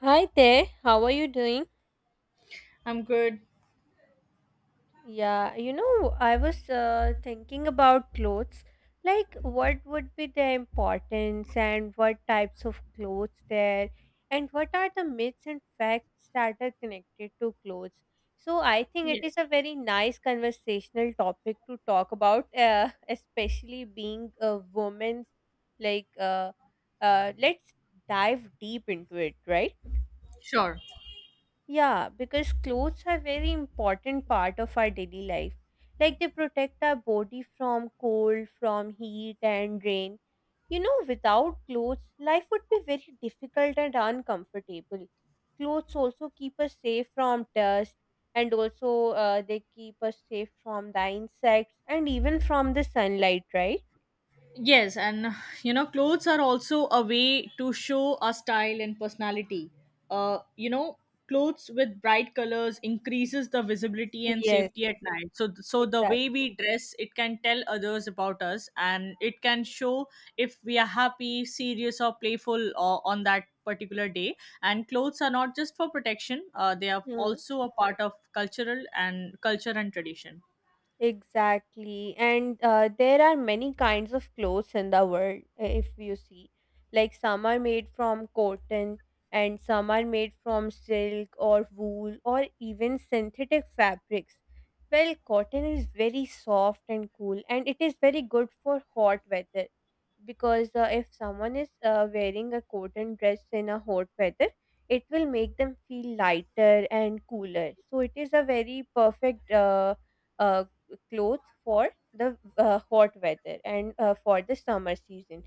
Hi there, how are you doing? I'm good. I was thinking about clothes. Like, what would be their importance and what types of clothes there, and what are the myths and facts that are connected to clothes? So, I think it is Yes, a very nice conversational topic to talk about, especially being a woman. Like, uh, let's dive deep into it, right? sure. Yeah, because clothes are very important part of our daily life. Like they protect our body from cold, from heat and rain. You know, without clothes, life would be very difficult and uncomfortable. Clothes also keep us safe from dust and also they keep us safe from the insects and even from the sunlight, right? Yes, and you know, clothes are also a way to show our style and personality. Uh, you know, clothes with bright colors increases the visibility and Yes, safety at night. So the exactly. way we dress, it can tell others about us, and it can show if we are happy, serious, or playful or on that particular day. And clothes are not just for protection; they are also a part of cultural and culture and tradition. Exactly. And there are many kinds of clothes in the world, if you see. Like some are made from cotton, and some are made from silk or wool or even synthetic fabrics. Well, cotton is very soft and cool, and it is very good for hot weather because if someone is wearing a cotton dress in a hot weather, it will make them feel lighter and cooler. So, it is a very perfect. A Clothes for the hot weather and for the summer season.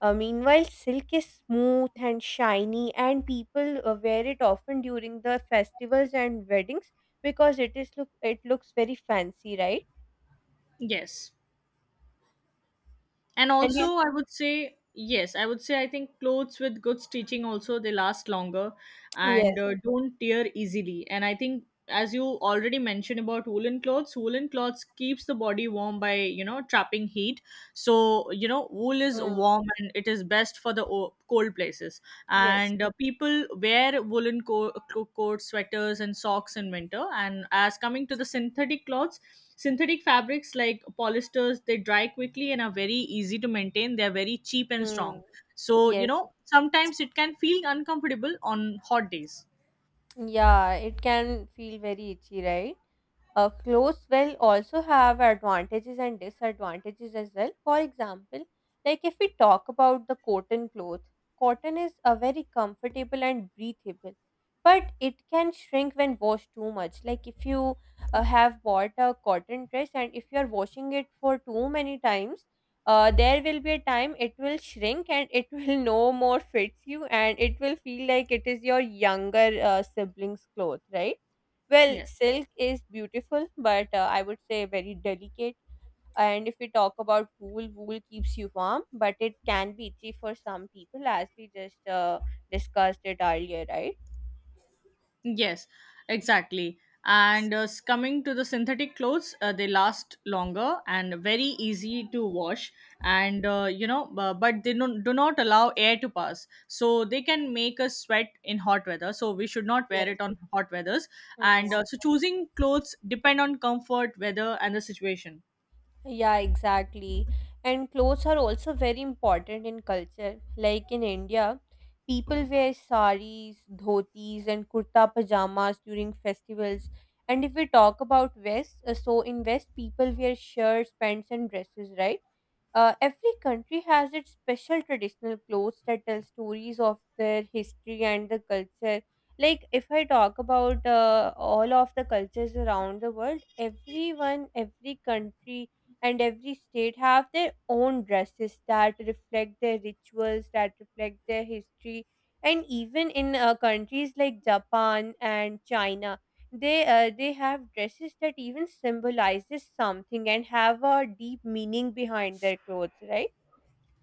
Meanwhile, silk is smooth and shiny, and people wear it often during the festivals and weddings because it looks very fancy, right? Yes. And And also you, I would say, I think clothes with good stitching also they last longer and yes, don't tear easily. And I think, as you already mentioned about woolen clothes, woolen clothes keeps the body warm by, you know, trapping heat. So, you know, wool is mm, warm and it is best for the cold places. yes, And people wear woolen coats, sweaters and socks in winter. And as coming to the synthetic clothes, synthetic fabrics like polyesters, they dry quickly and are very easy to maintain. They're very cheap and mm, strong. So, you yes, know, sometimes it can feel uncomfortable on hot days. yeah. It can feel very itchy, right? Clothes will also have advantages and disadvantages as well. For example, like if we talk about the cotton cloth, cotton is a very comfortable and breathable, but it can shrink when washed too much. Like if you have bought a cotton dress and if you are washing it for too many times, there will be a time it will shrink and it will no more fits you and it will feel like it is your younger sibling's cloth, right? Well, Yes. silk is beautiful, but I would say very delicate. And if we talk about wool, wool keeps you warm, but it can be itchy for some people, as we just discussed it earlier, right? Yes, exactly. And coming to the synthetic clothes, they last longer and very easy to wash. And, you know, but they don't, do not allow air to pass, so they can make us sweat in hot weather. So we should not wear Yes. it on hot weathers. Hmm. And so choosing clothes depend on comfort, weather, and the situation. Yeah, exactly. And clothes are also very important in culture. Like in India, people wear saris, dhotis, and kurta pajamas during festivals. And if we talk about West, so in West, people wear shirts, pants, and dresses, right? Every country has its special traditional clothes that tell stories of their history and the culture. Like, if I talk about all of the cultures around the world, everyone, every country, and every state have their own dresses that reflect their rituals, that reflect their history. And even in countries like Japan and China, they have dresses that even symbolizes something and have a deep meaning behind their clothes, right?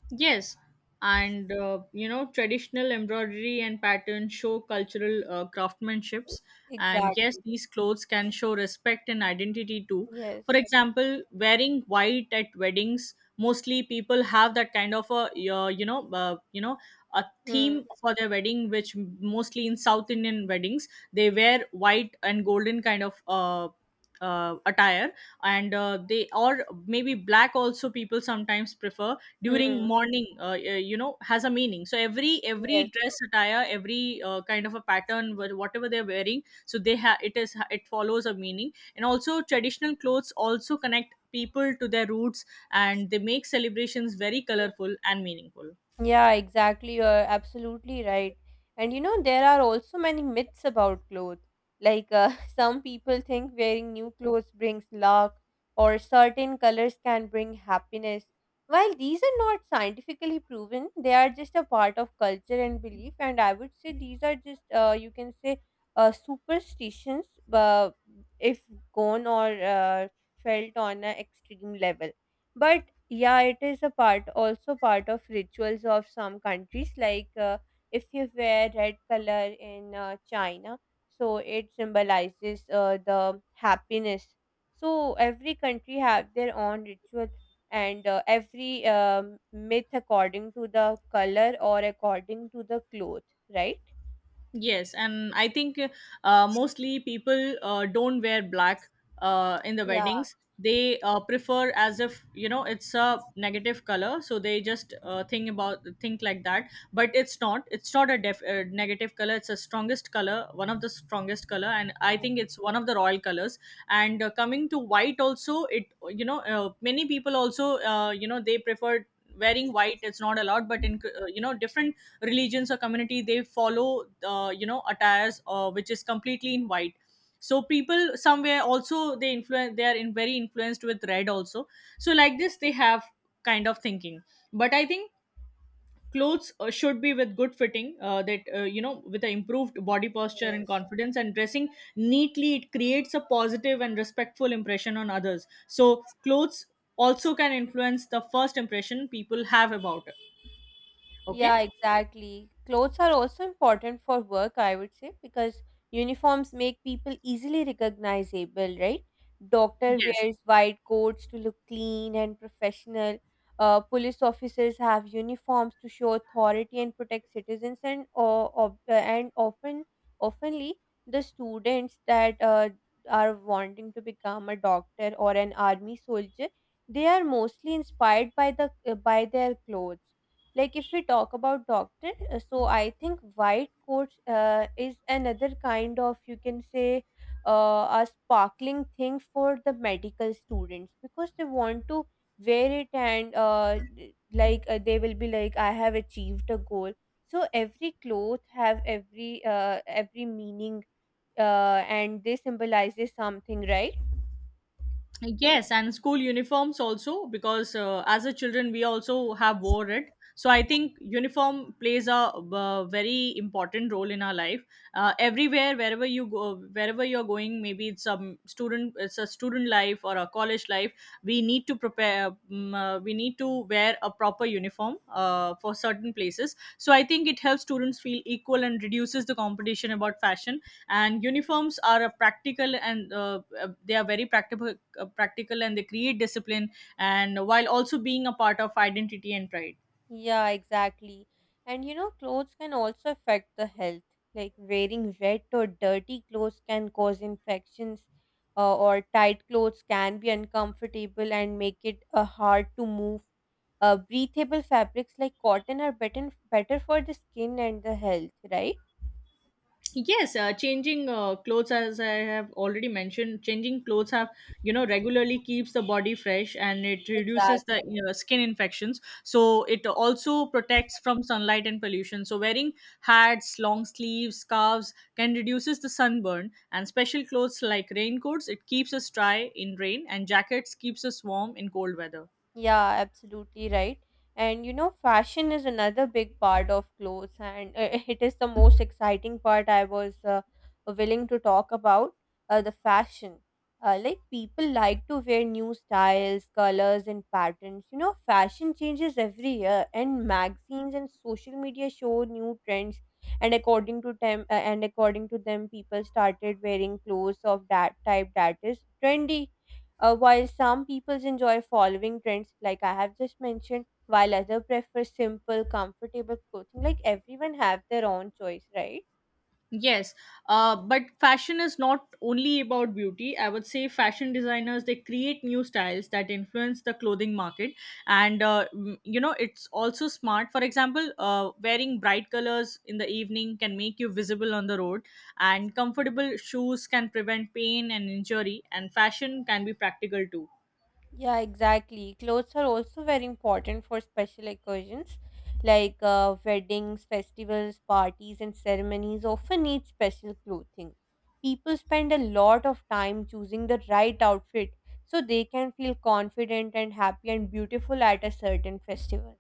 Yes, and traditional embroidery and patterns show cultural craftsmanships. And yes, Exactly. these clothes can show respect and identity too. For Yes. example, wearing white at weddings, mostly people have that kind of a a Hmm. theme for their wedding, which mostly in South Indian weddings they wear white and golden kind of attire. And they, or maybe black also people sometimes prefer during Hmm. morning, has a meaning. So every Yes. dress, attire, every kind of a pattern, whatever they're wearing, so they have, it follows a meaning. And also traditional clothes also connect people to their roots and they make celebrations very colorful and meaningful. Yeah, exactly. You're absolutely right. And you know, there are also many myths about clothes. Like, some people think wearing new clothes brings luck, or certain colors can bring happiness. While these are not scientifically proven, they are just a part of culture and belief. And I would say these are just, you can say, superstitions, uh, if gone or felt on an extreme level. But yeah, it is a part also part of rituals of some countries. Like if you wear red color in China, so it symbolizes the happiness. So every country have their own ritual, and every myth according to the color or according to the cloth, right? Yes, and I think mostly people don't wear black in the Yeah, weddings. They prefer, as, if you know, it's a negative color, so they just think like that. But it's not. It's not a negative color. It's a strongest color, one of the strongest color, and I mm, think it's one of the royal colors. And coming to white, also, it you know, many people also, they prefer wearing white. It's not allowed, but in, different religions or community, they follow attires, which is completely in white. So people somewhere also they influence, they are in very influenced with red also. So like this they have kind of thinking. But I think clothes should be with good fitting, that you know with the improved body posture and yes. confidence. And dressing neatly, it creates a positive and respectful impression on others. So clothes also can influence the first impression people have about it. Okay. Yeah, exactly. Clothes are also important for work, I would say, because uniforms make people easily recognizable, right? Doctor Yes. wears white coats to look clean and professional. Police officers have uniforms to show authority and protect citizens, and or, of and often, oftenly the students that are wanting to become a doctor or an army soldier, they are mostly inspired by their clothes. Like if we talk about doctor, so I think white coat is another kind of, you can say, a sparkling thing for the medical students because they want to wear it and like they will be like I have achieved a goal. So every cloth have every meaning, and they symbolizes something, right? Yes, and school uniforms also, because as a children we also have wore it. So I think uniform plays a, uh, very important role in our life. Everywhere, wherever you go, wherever you're going, maybe it's a student life or a college life. We need to prepare. We need to wear a proper uniform for certain places. So I think it helps students feel equal and reduces the competition about fashion. And uniforms are a practical and they are very practical and they create discipline, and while also being a part of identity and pride. Yeah, exactly. And you know, clothes can also affect the health. Like wearing wet or dirty clothes can cause infections, or tight clothes can be uncomfortable and make it hard to move. Breathable fabrics like cotton are better for the skin and the health, right? Yes. Changing clothes, as I have already mentioned, changing clothes have, you know, regularly keeps the body fresh and it reduces the, Exactly. you know, skin infections. So it also protects from sunlight and pollution. So wearing hats, long sleeves, scarves can reduces the sunburn. And special clothes like raincoats, it keeps us dry in rain, and jackets keeps us warm in cold weather. Yeah, absolutely right. And you know, fashion is another big part of clothes, and it is the most exciting part I was willing to talk about, the fashion. Like, people like to wear new styles, colors, and patterns. You know, fashion changes every year, and magazines and social media show new trends. And according to them, people started wearing clothes of that type that is trendy. While some people enjoy following trends, like I have just mentioned, while others prefer simple, comfortable clothing, like everyone have their own choice, right? Yes, but fashion is not only about beauty. I would say fashion designers, they create new styles that influence the clothing market. And you know, it's also smart. For example, wearing bright colors in the evening can make you visible on the road, and comfortable shoes can prevent pain and injury, and fashion can be practical too. Yeah, exactly. Clothes are also very important for special occasions like weddings, festivals, parties, and ceremonies often need special clothing. People spend a lot of time choosing the right outfit so they can feel confident and happy and beautiful at a certain festival.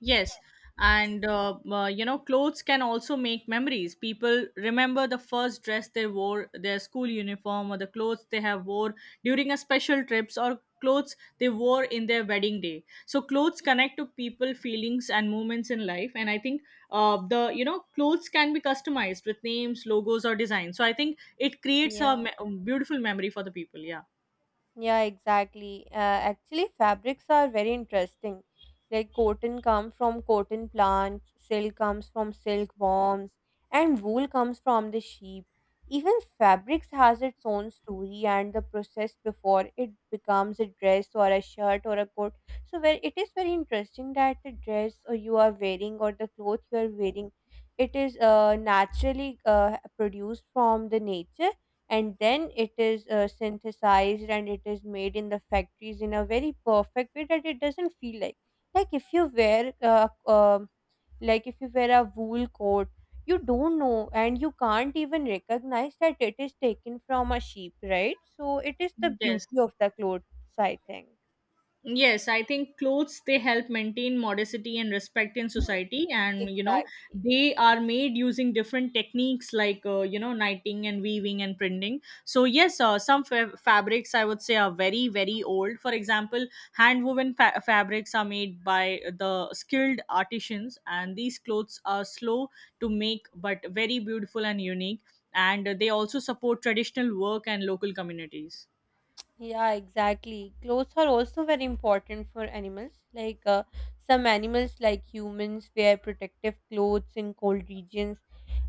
Yes, and you know, clothes can also make memories. People remember the first dress they wore, their school uniform, or the clothes they have wore during a special trips, or clothes they wore in their wedding day. So clothes connect to people, feelings, and moments in life. And I think the you know, clothes can be customized with names, logos, or designs. So I think it creates a Yeah. Beautiful memory for the people. Yeah. Yeah, exactly. Actually, fabrics are very interesting. Like cotton comes from cotton plants, silk comes from silk worms, and wool comes from the sheep. Even fabrics has its own story and the process before it becomes a dress or a shirt or a coat. So where it is very interesting that the dress or you are wearing or the cloth you are wearing, it is naturally produced from the nature, and then it is synthesized and it is made in the factories in a very perfect way that it doesn't feel like, like if you wear uh, um like if you wear a wool coat, you don't know and you can't even recognize that it is taken from a sheep, right? So it is the Yes. beauty of the clothes, I think. Yes, I think clothes, they help maintain modesty and respect in Ye- society. And, you know, exactly. they are made using different techniques like, knitting and weaving and printing. So yes, some fabrics, I would say, are very very old. For example, hand woven fabrics are made by the skilled artisans, and these clothes are slow to make but very beautiful and unique. And they also support traditional work and local communities. Yeah, exactly, clothes are also very important for animals like some animals like humans wear protective clothes in cold regions.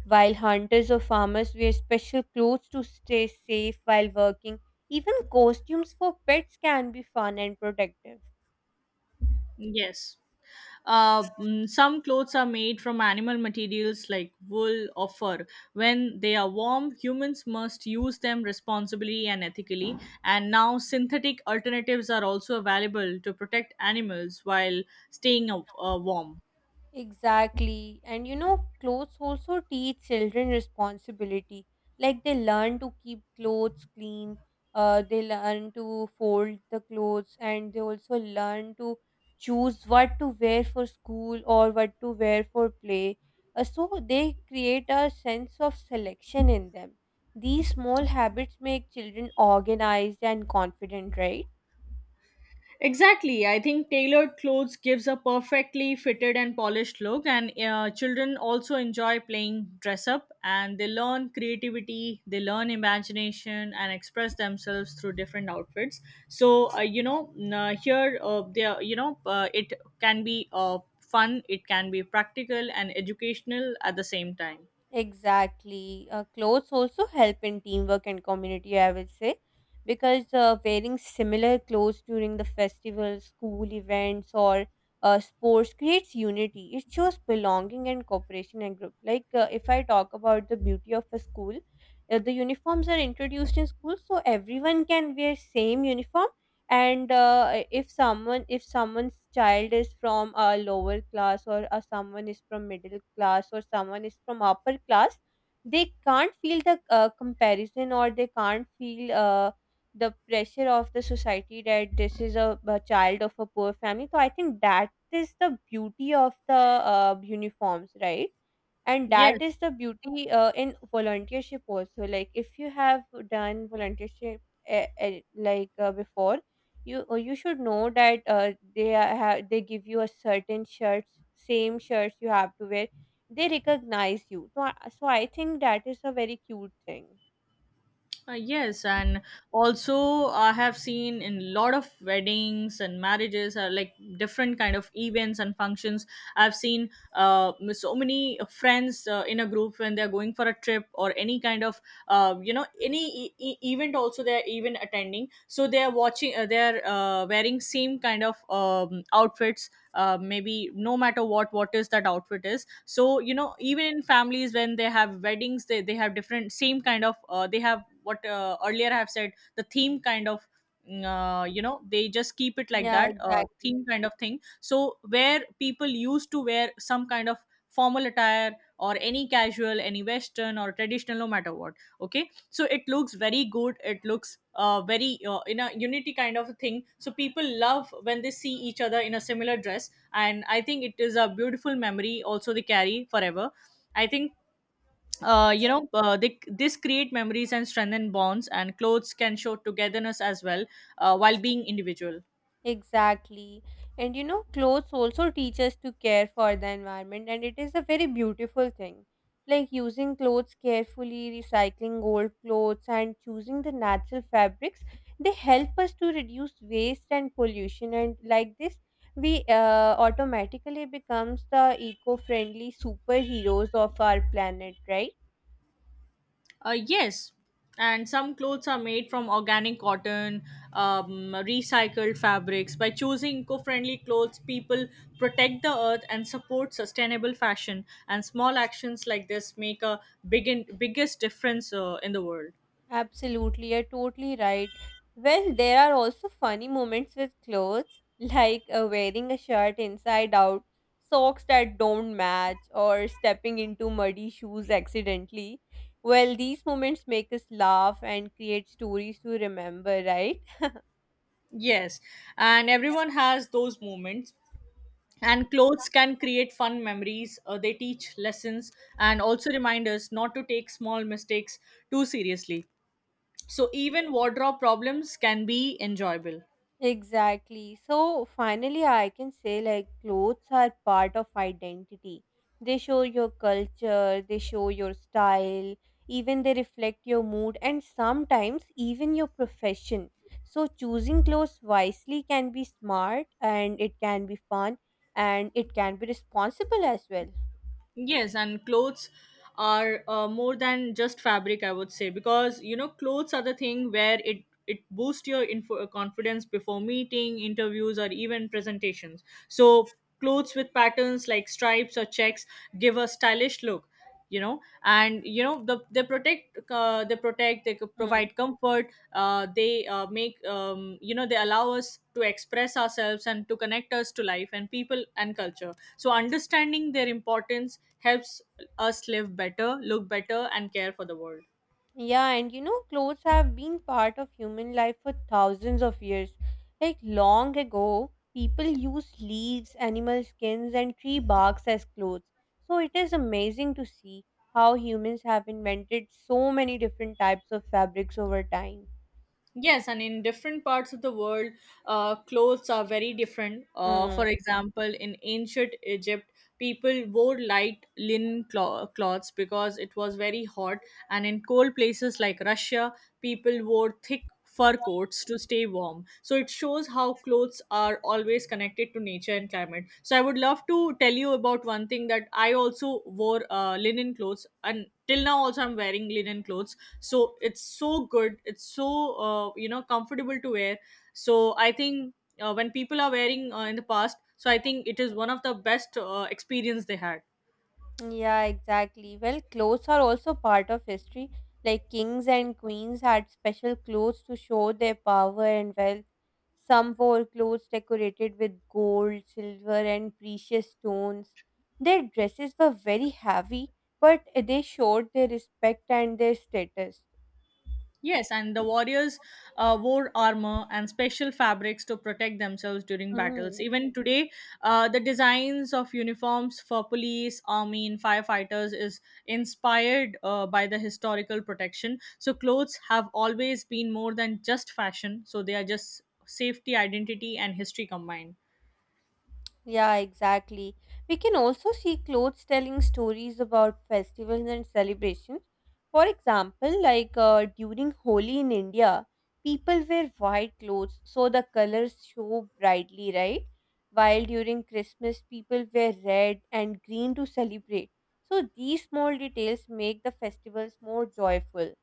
While hunters or farmers wear special clothes to stay safe while working, even costumes for pets can be fun and protective. Yes. Some clothes are made from animal materials like wool or fur. When they are warm, humans must use them responsibly and ethically. And now, synthetic alternatives are also available to protect animals while staying warm. Exactly. And you know, clothes also teach children responsibility. Like they learn to keep clothes clean, they learn to fold the clothes, and they also learn to choose what to wear for school or what to wear for play. So they create a sense of selection in them. These small habits make children organized and confident, right? Exactly. I think tailored clothes gives a perfectly fitted and polished look. And children also enjoy playing dress up, and they learn creativity, they learn imagination, and express themselves through different outfits. So, here, they are, you know, it can be fun, it can be practical and educational at the same time. Exactly. Clothes also help in teamwork and community, I would say, because wearing similar clothes during the festivals, school events, or sports creates unity. It shows belonging and cooperation in group. Like if I talk about the beauty of a school, the uniforms are introduced in school, so everyone can wear same uniform. And if someone, if someone's child is from a lower class or someone is from middle class or someone is from upper class, they can't feel the comparison or they can't feel the pressure of the society that this is a child of a poor family. So I think that is the beauty of the uniforms, right? And that Yes. is the beauty in volunteership also. Like if you have done volunteership, like before, you should know that they are- have they give you a certain shirts, same shirts you have to wear, they recognize you. So I think that is a very cute thing. Yes, and also I have seen in lot of weddings and marriages, like different kind of events and functions. I've seen so many friends in a group when they're going for a trip or any kind of any event. Also, they're even attending, so they're watching. They're wearing same kind of outfits. Maybe no matter what is that outfit is. So, you know, even in families when they have weddings, they have different same kind of, they have what, earlier I have said, the theme kind of, you know, they just keep it like Yeah, that, exactly. theme kind of thing. So where people used to wear some kind of formal attire, or any casual, any western or traditional, no matter what. Okay. So it looks very good. It looks, very, in a unity kind of a thing, so people love when they see each other in a similar dress. And I think it is a beautiful memory also they carry forever. I think this create memories and strengthen bonds, and clothes can show togetherness as well, while being individual. Exactly. And you know, clothes also teach us to care for the environment, and it is a very beautiful thing. Like using clothes carefully, recycling old clothes, and choosing the natural fabrics, they help us to reduce waste and pollution. And like this, we automatically becomes the eco-friendly superheroes of our planet, right? Yes, and some clothes are made from organic cotton, recycled fabrics. By choosing eco-friendly clothes, people protect the earth and support sustainable fashion, and small actions like this make a big biggest difference in the world. Absolutely, you're totally right. Well, there are also funny moments with clothes, like wearing a shirt inside out, socks that don't match, or stepping into muddy shoes accidentally. Well, these moments make us laugh and create stories to remember, right? Yes, and everyone has those moments. And clothes can create fun memories. They teach lessons and also remind us not to take small mistakes too seriously. So, even wardrobe problems can be enjoyable. Exactly. So finally, I can say like clothes are part of identity. They show your culture, they show your style, even they reflect your mood and sometimes even your profession. So choosing clothes wisely can be smart and it can be fun and it can be responsible as well. Yes, and clothes are, more than just fabric, I would say, because, you know, clothes are the thing where it boosts your confidence before meeting, interviews, or even presentations. So clothes with patterns like stripes or checks give a stylish look, you know. And you know they protect, they could Hmm. provide comfort. They Make, you know, they allow us to express ourselves and to connect us to life and people and culture. So understanding their importance helps us live better, look better, and care for the world. Yeah, and you know, clothes have been part of human life for thousands of years. Like long ago, people used leaves, animal skins, and tree barks as clothes. So it is amazing to see how humans have invented so many different types of fabrics over time. Yes, and in different parts of the world, clothes are very different. Hmm. For example, in ancient Egypt, people wore light linen cloths because it was very hot, and in cold places like Russia, people wore thick fur coats to stay warm. So it shows how clothes are always connected to nature and climate. So I would love to tell you about one thing that I also wore linen clothes, and till now also I'm wearing linen clothes so it's so good, it's so comfortable to wear. I think when people are wearing in the past, I think it is one of the best experience they had. Yeah, exactly. Well, clothes are also part of history. Like kings and queens had special clothes to show their power and wealth. Some wore clothes decorated with gold, silver, and precious stones. Their dresses were very heavy, but they showed their respect and their status. Yes, and the warriors wore armor and special fabrics to protect themselves during battles. Hmm. Even today, the designs of uniforms for police, army, and firefighters is inspired by the historical protection. So, clothes have always been more than just fashion, so, they are just safety, identity, and history combined. Yeah, exactly. We can also see clothes telling stories about festivals and celebrations. For example, like during Holi in India, people wear white clothes so the colors show brightly, right? While during Christmas, people wear red and green to celebrate. So these small details make the festivals more joyful.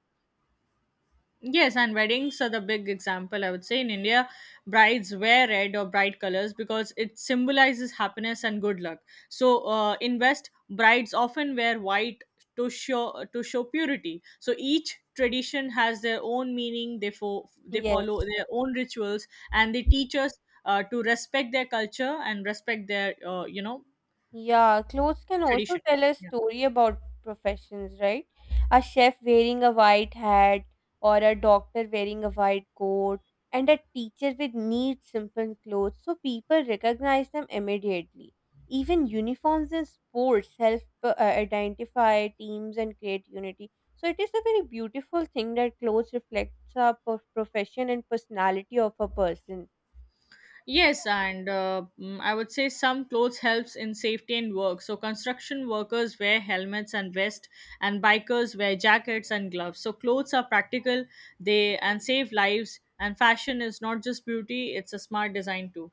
Yes, and weddings are the big example, I would say. In India, brides wear red or bright colors because it symbolizes happiness and good luck. So, in West, brides often wear white to show purity. So each tradition has their own meaning. They follow Yes. their own rituals, and they teach us to respect their culture and respect their Yeah, clothes can also tradition. tell a Yeah. story about professions, right? A chef wearing a white hat, or a doctor wearing a white coat, and a teacher with neat, simple clothes, so people recognize them immediately. Even uniforms in sports help identify teams and create unity. So it is a very beautiful thing that clothes reflects a profession and personality of a person. Yes, and I would say some clothes helps in safety and work. So construction workers wear helmets and vest, and bikers wear jackets and gloves. So clothes are practical, they and save lives. And fashion is not just beauty; it's a smart design too.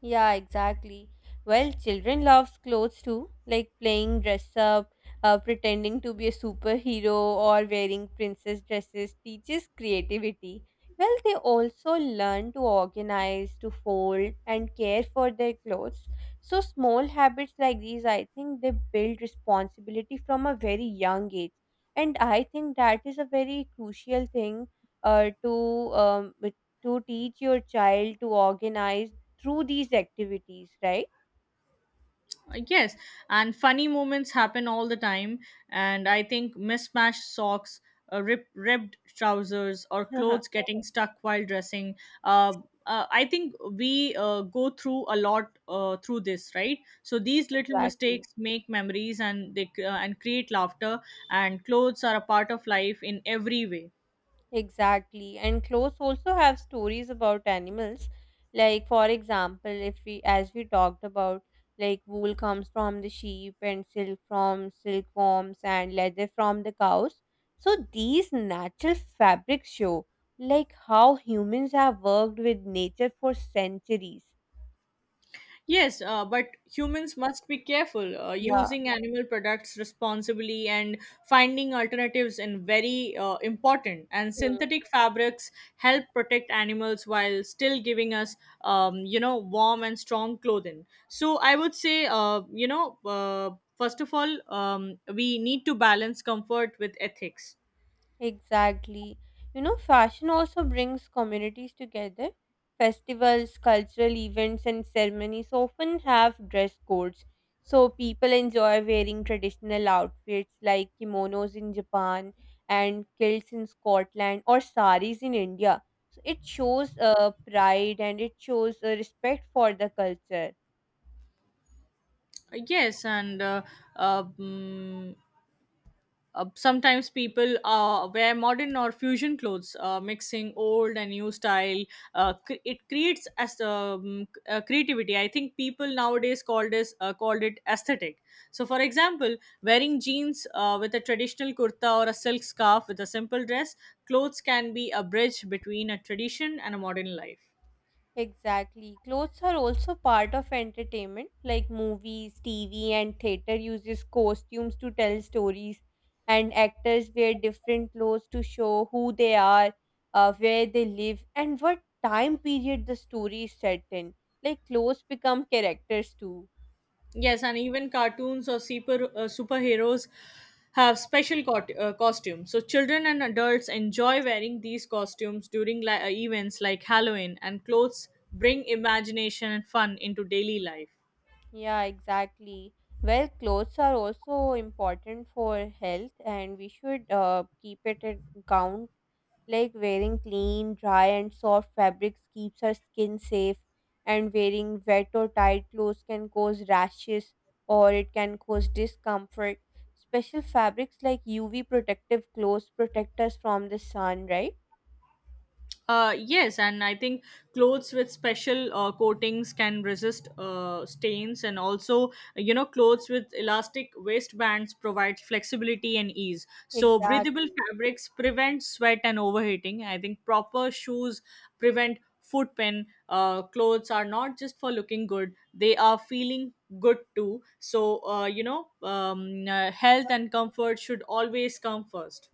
Yeah, exactly. Well, children loves clothes too, like playing dress up, pretending to be a superhero, or wearing princess dresses teaches creativity. Well, they also learn to organize, to fold, and care for their clothes. So, small habits like these, I think they build responsibility from a very young age. And I think that is a very crucial thing uh, to um, to teach your child to organize through these activities, right? Yes, and funny moments happen all the time. And I think mismatched socks, ripped trousers, or clothes getting stuck while dressing. Uh, I think we go through a lot through this, right? So these little Exactly, mistakes make memories and create laughter. And clothes are a part of life in every way. exactly. And clothes also have stories about animals. Like, for example, if we, as we talked about, like wool comes from the sheep and silk from silkworms and leather from the cows. So these natural fabrics show like how humans have worked with nature for centuries. Yes, but humans must be careful Yeah. using animal products responsibly and finding alternatives in very important. And synthetic fabrics help protect animals while still giving us, warm and strong clothing. So I would say, first of all, we need to balance comfort with ethics. Exactly. You know, fashion also brings communities together. Festivals, cultural events, and ceremonies often have dress codes. So people enjoy wearing traditional outfits like kimonos in Japan and kilts in Scotland or saris in India. So it shows pride and it shows respect for the culture. Yes, and uh, mm, sometimes people wear modern or fusion clothes, mixing old and new style. It creates as creativity. I think people nowadays call this called it aesthetic. So, for example, wearing jeans with a traditional kurta or a silk scarf with a simple dress, clothes can be a bridge between a tradition and a modern life. Exactly. Clothes are also part of entertainment, like movies, TV, and theater uses costumes to tell stories, and actors wear different clothes to show who they are, where they live, and what time period the story is set in. Like clothes become characters too. Yes, and even cartoons or superheroes have special costumes. So children and adults enjoy wearing these costumes during events like Halloween, and clothes bring imagination and fun into daily life. Yeah, exactly. Well, clothes are also important for health, and we should keep it in count. Like wearing clean, dry, and soft fabrics keeps her skin safe, and wearing wet or tight clothes can cause rashes or it can cause discomfort. Special fabrics like UV protective clothes protect us from the sun, right? Yes, and I think clothes with special coatings can resist stains, and also, you know, clothes with elastic waistbands provide flexibility and ease. So, breathable Exactly. fabrics prevent sweat and overheating. I think proper shoes prevent foot pain. Clothes are not just for looking good, they are feeling good too. So, health and comfort should always come first.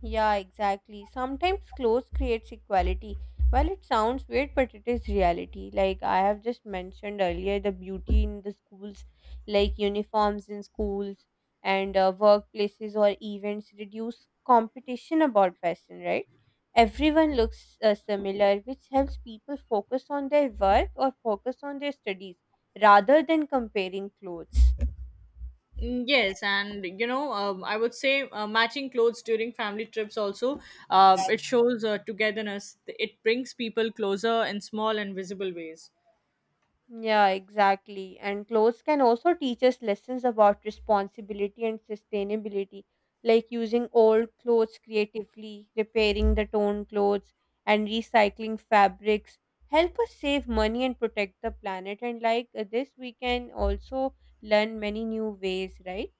Yeah, exactly. Sometimes clothes creates equality. Well, it sounds weird, but it is reality. Like I have just mentioned earlier, the beauty in the schools, like uniforms in schools and workplaces or events, reduce competition about fashion, right? Everyone looks similar, which helps people focus on their work or focus on their studies rather than comparing clothes. Mm, yes, and I would say matching clothes during family trips also it shows togetherness. It brings people closer in small and visible ways. Yeah, exactly. And clothes can also teach us lessons about responsibility and sustainability, like using old clothes creatively, repairing the torn clothes, and recycling fabrics. Help us save money and protect the planet. And like this, we can also learn many new ways, right?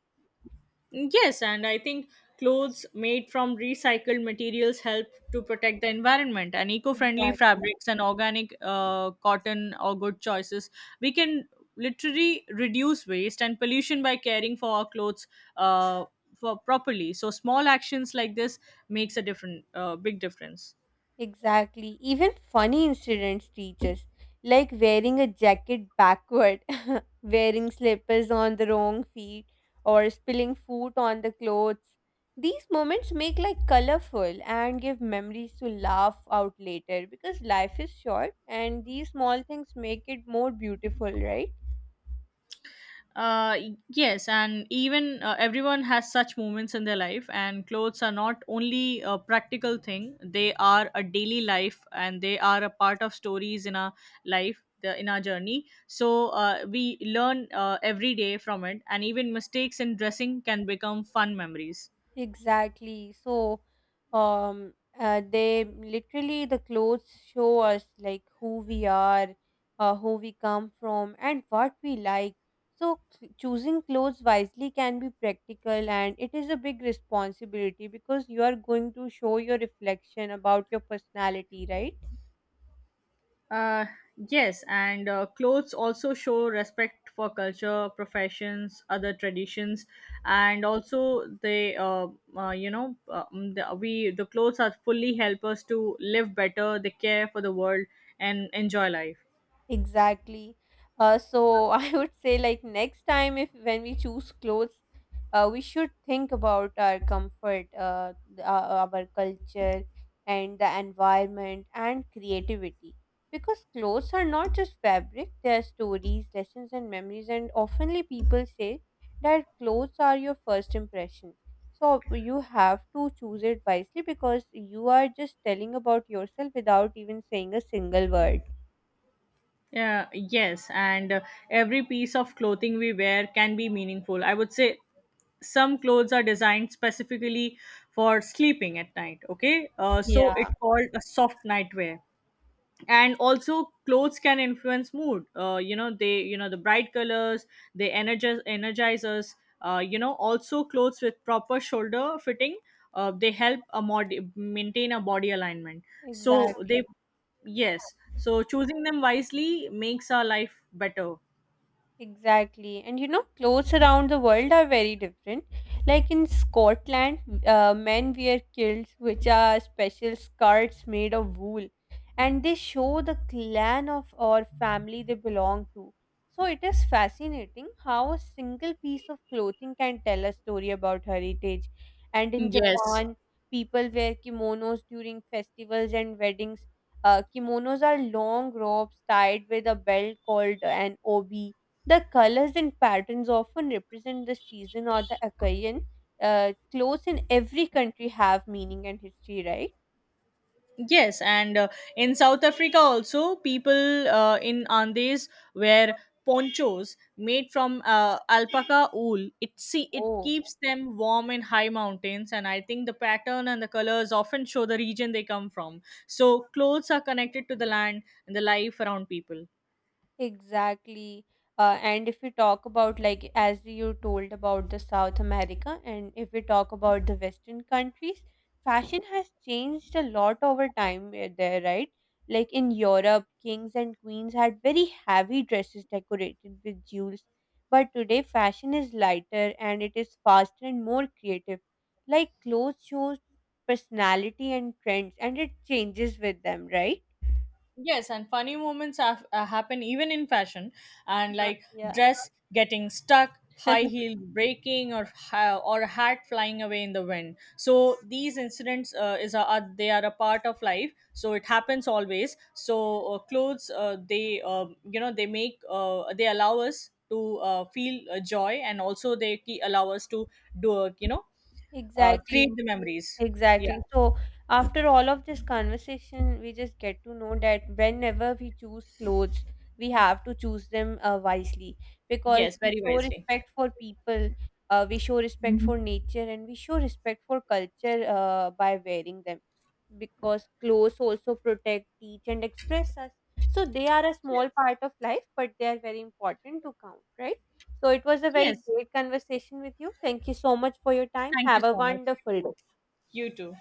Mm, yes, and I think clothes made from recycled materials help to protect the environment and eco-friendly Exactly. fabrics and organic cotton or good choices. We can literally reduce waste and pollution by caring for our clothes uh, for properly. So small actions like this makes a different big difference. Exactly. Even funny incidents teach us, like wearing a jacket backward, wearing slippers on the wrong feet, or spilling food on the clothes. These moments make life colorful and give memories to laugh out later because life is short and these small things make it more beautiful, right? Yes, and even everyone has such moments in their life, and clothes are not only a practical thing, they are a daily life, and they are a part of stories in our life in our journey. So we learn every day from it, and even mistakes in dressing can become fun memories. Exactly. So, they literally the clothes show us like who we are, who we come from, and what we like. So, choosing clothes wisely can be practical, and it is a big responsibility because you are going to show your reflection about your personality, right? Uh, yes, and clothes also show respect for culture, professions, other traditions, and also they, you know, the, we the clothes are fully help us to live better. They care for the world and enjoy life. Exactly. So I would say like next time if when we choose clothes, we should think about our comfort, our culture, and the environment and creativity. Because clothes are not just fabric; they are stories, lessons, and memories. And oftenly people say that clothes are your first impression. So you have to choose it wisely because you are just telling about yourself without even saying a single word. Yeah, yes, and every piece of clothing we wear can be meaningful. I would say some clothes are designed specifically for sleeping at night. Okay, so it called a soft nightwear, and also clothes can influence mood. You know, the bright colors, they energize us. Also, clothes with proper shoulder fitting, they help a mod maintain a body alignment, so they, Exactly. yes, so choosing them wisely makes our life better. Exactly. And you know, clothes around the world are very different. Like in Scotland, men wear kilts, which are special skirts made of wool, and they show the clan of or family they belong to. So it is fascinating how a single piece of clothing can tell a story about heritage. And in Yes. Japan, people wear kimonos during festivals and weddings. Kimonos are long robes tied with a belt called an obi, the colors and patterns often represent the season or the occasion. Clothes in every country have meaning and history, right? Yes, and in South Africa also, people in Andes wear ponchos made from alpaca wool. It Oh, keeps them warm in high mountains, and I think the pattern and the colors often show the region they come from. So clothes are connected to the land and the life around people. exactly. And if we talk about, like, as you told about the South America, and if we talk about the Western countries, fashion has changed a lot over time there, right? Like in Europe, kings and queens had very heavy dresses decorated with jewels. But today, fashion is lighter and it is faster and more creative. Like, clothes shows personality and trends, and it changes with them, right? Yes, and funny moments happen even in fashion, and like Yeah. dress getting stuck, high heel breaking, or a hat flying away in the wind. So these incidents are they are a part of life. So it happens always. So clothes they you know they make they allow us to feel joy, and also allow us to do Exactly. create the memories. Yeah. Exactly. So, after all of this conversation, we just get to know that whenever we choose clothes, we have to choose them wisely because Yes. we Very show wisely. respect for people, we show respect for nature, and we show respect for culture by wearing them. Because clothes also protect, teach, and express us. So, they are a Yes. small part of life, but they are very important to count, right? So, it was a very Yes. great conversation with you. Thank you so much for your time. Thank you Have a so much. You wonderful day. too. You too.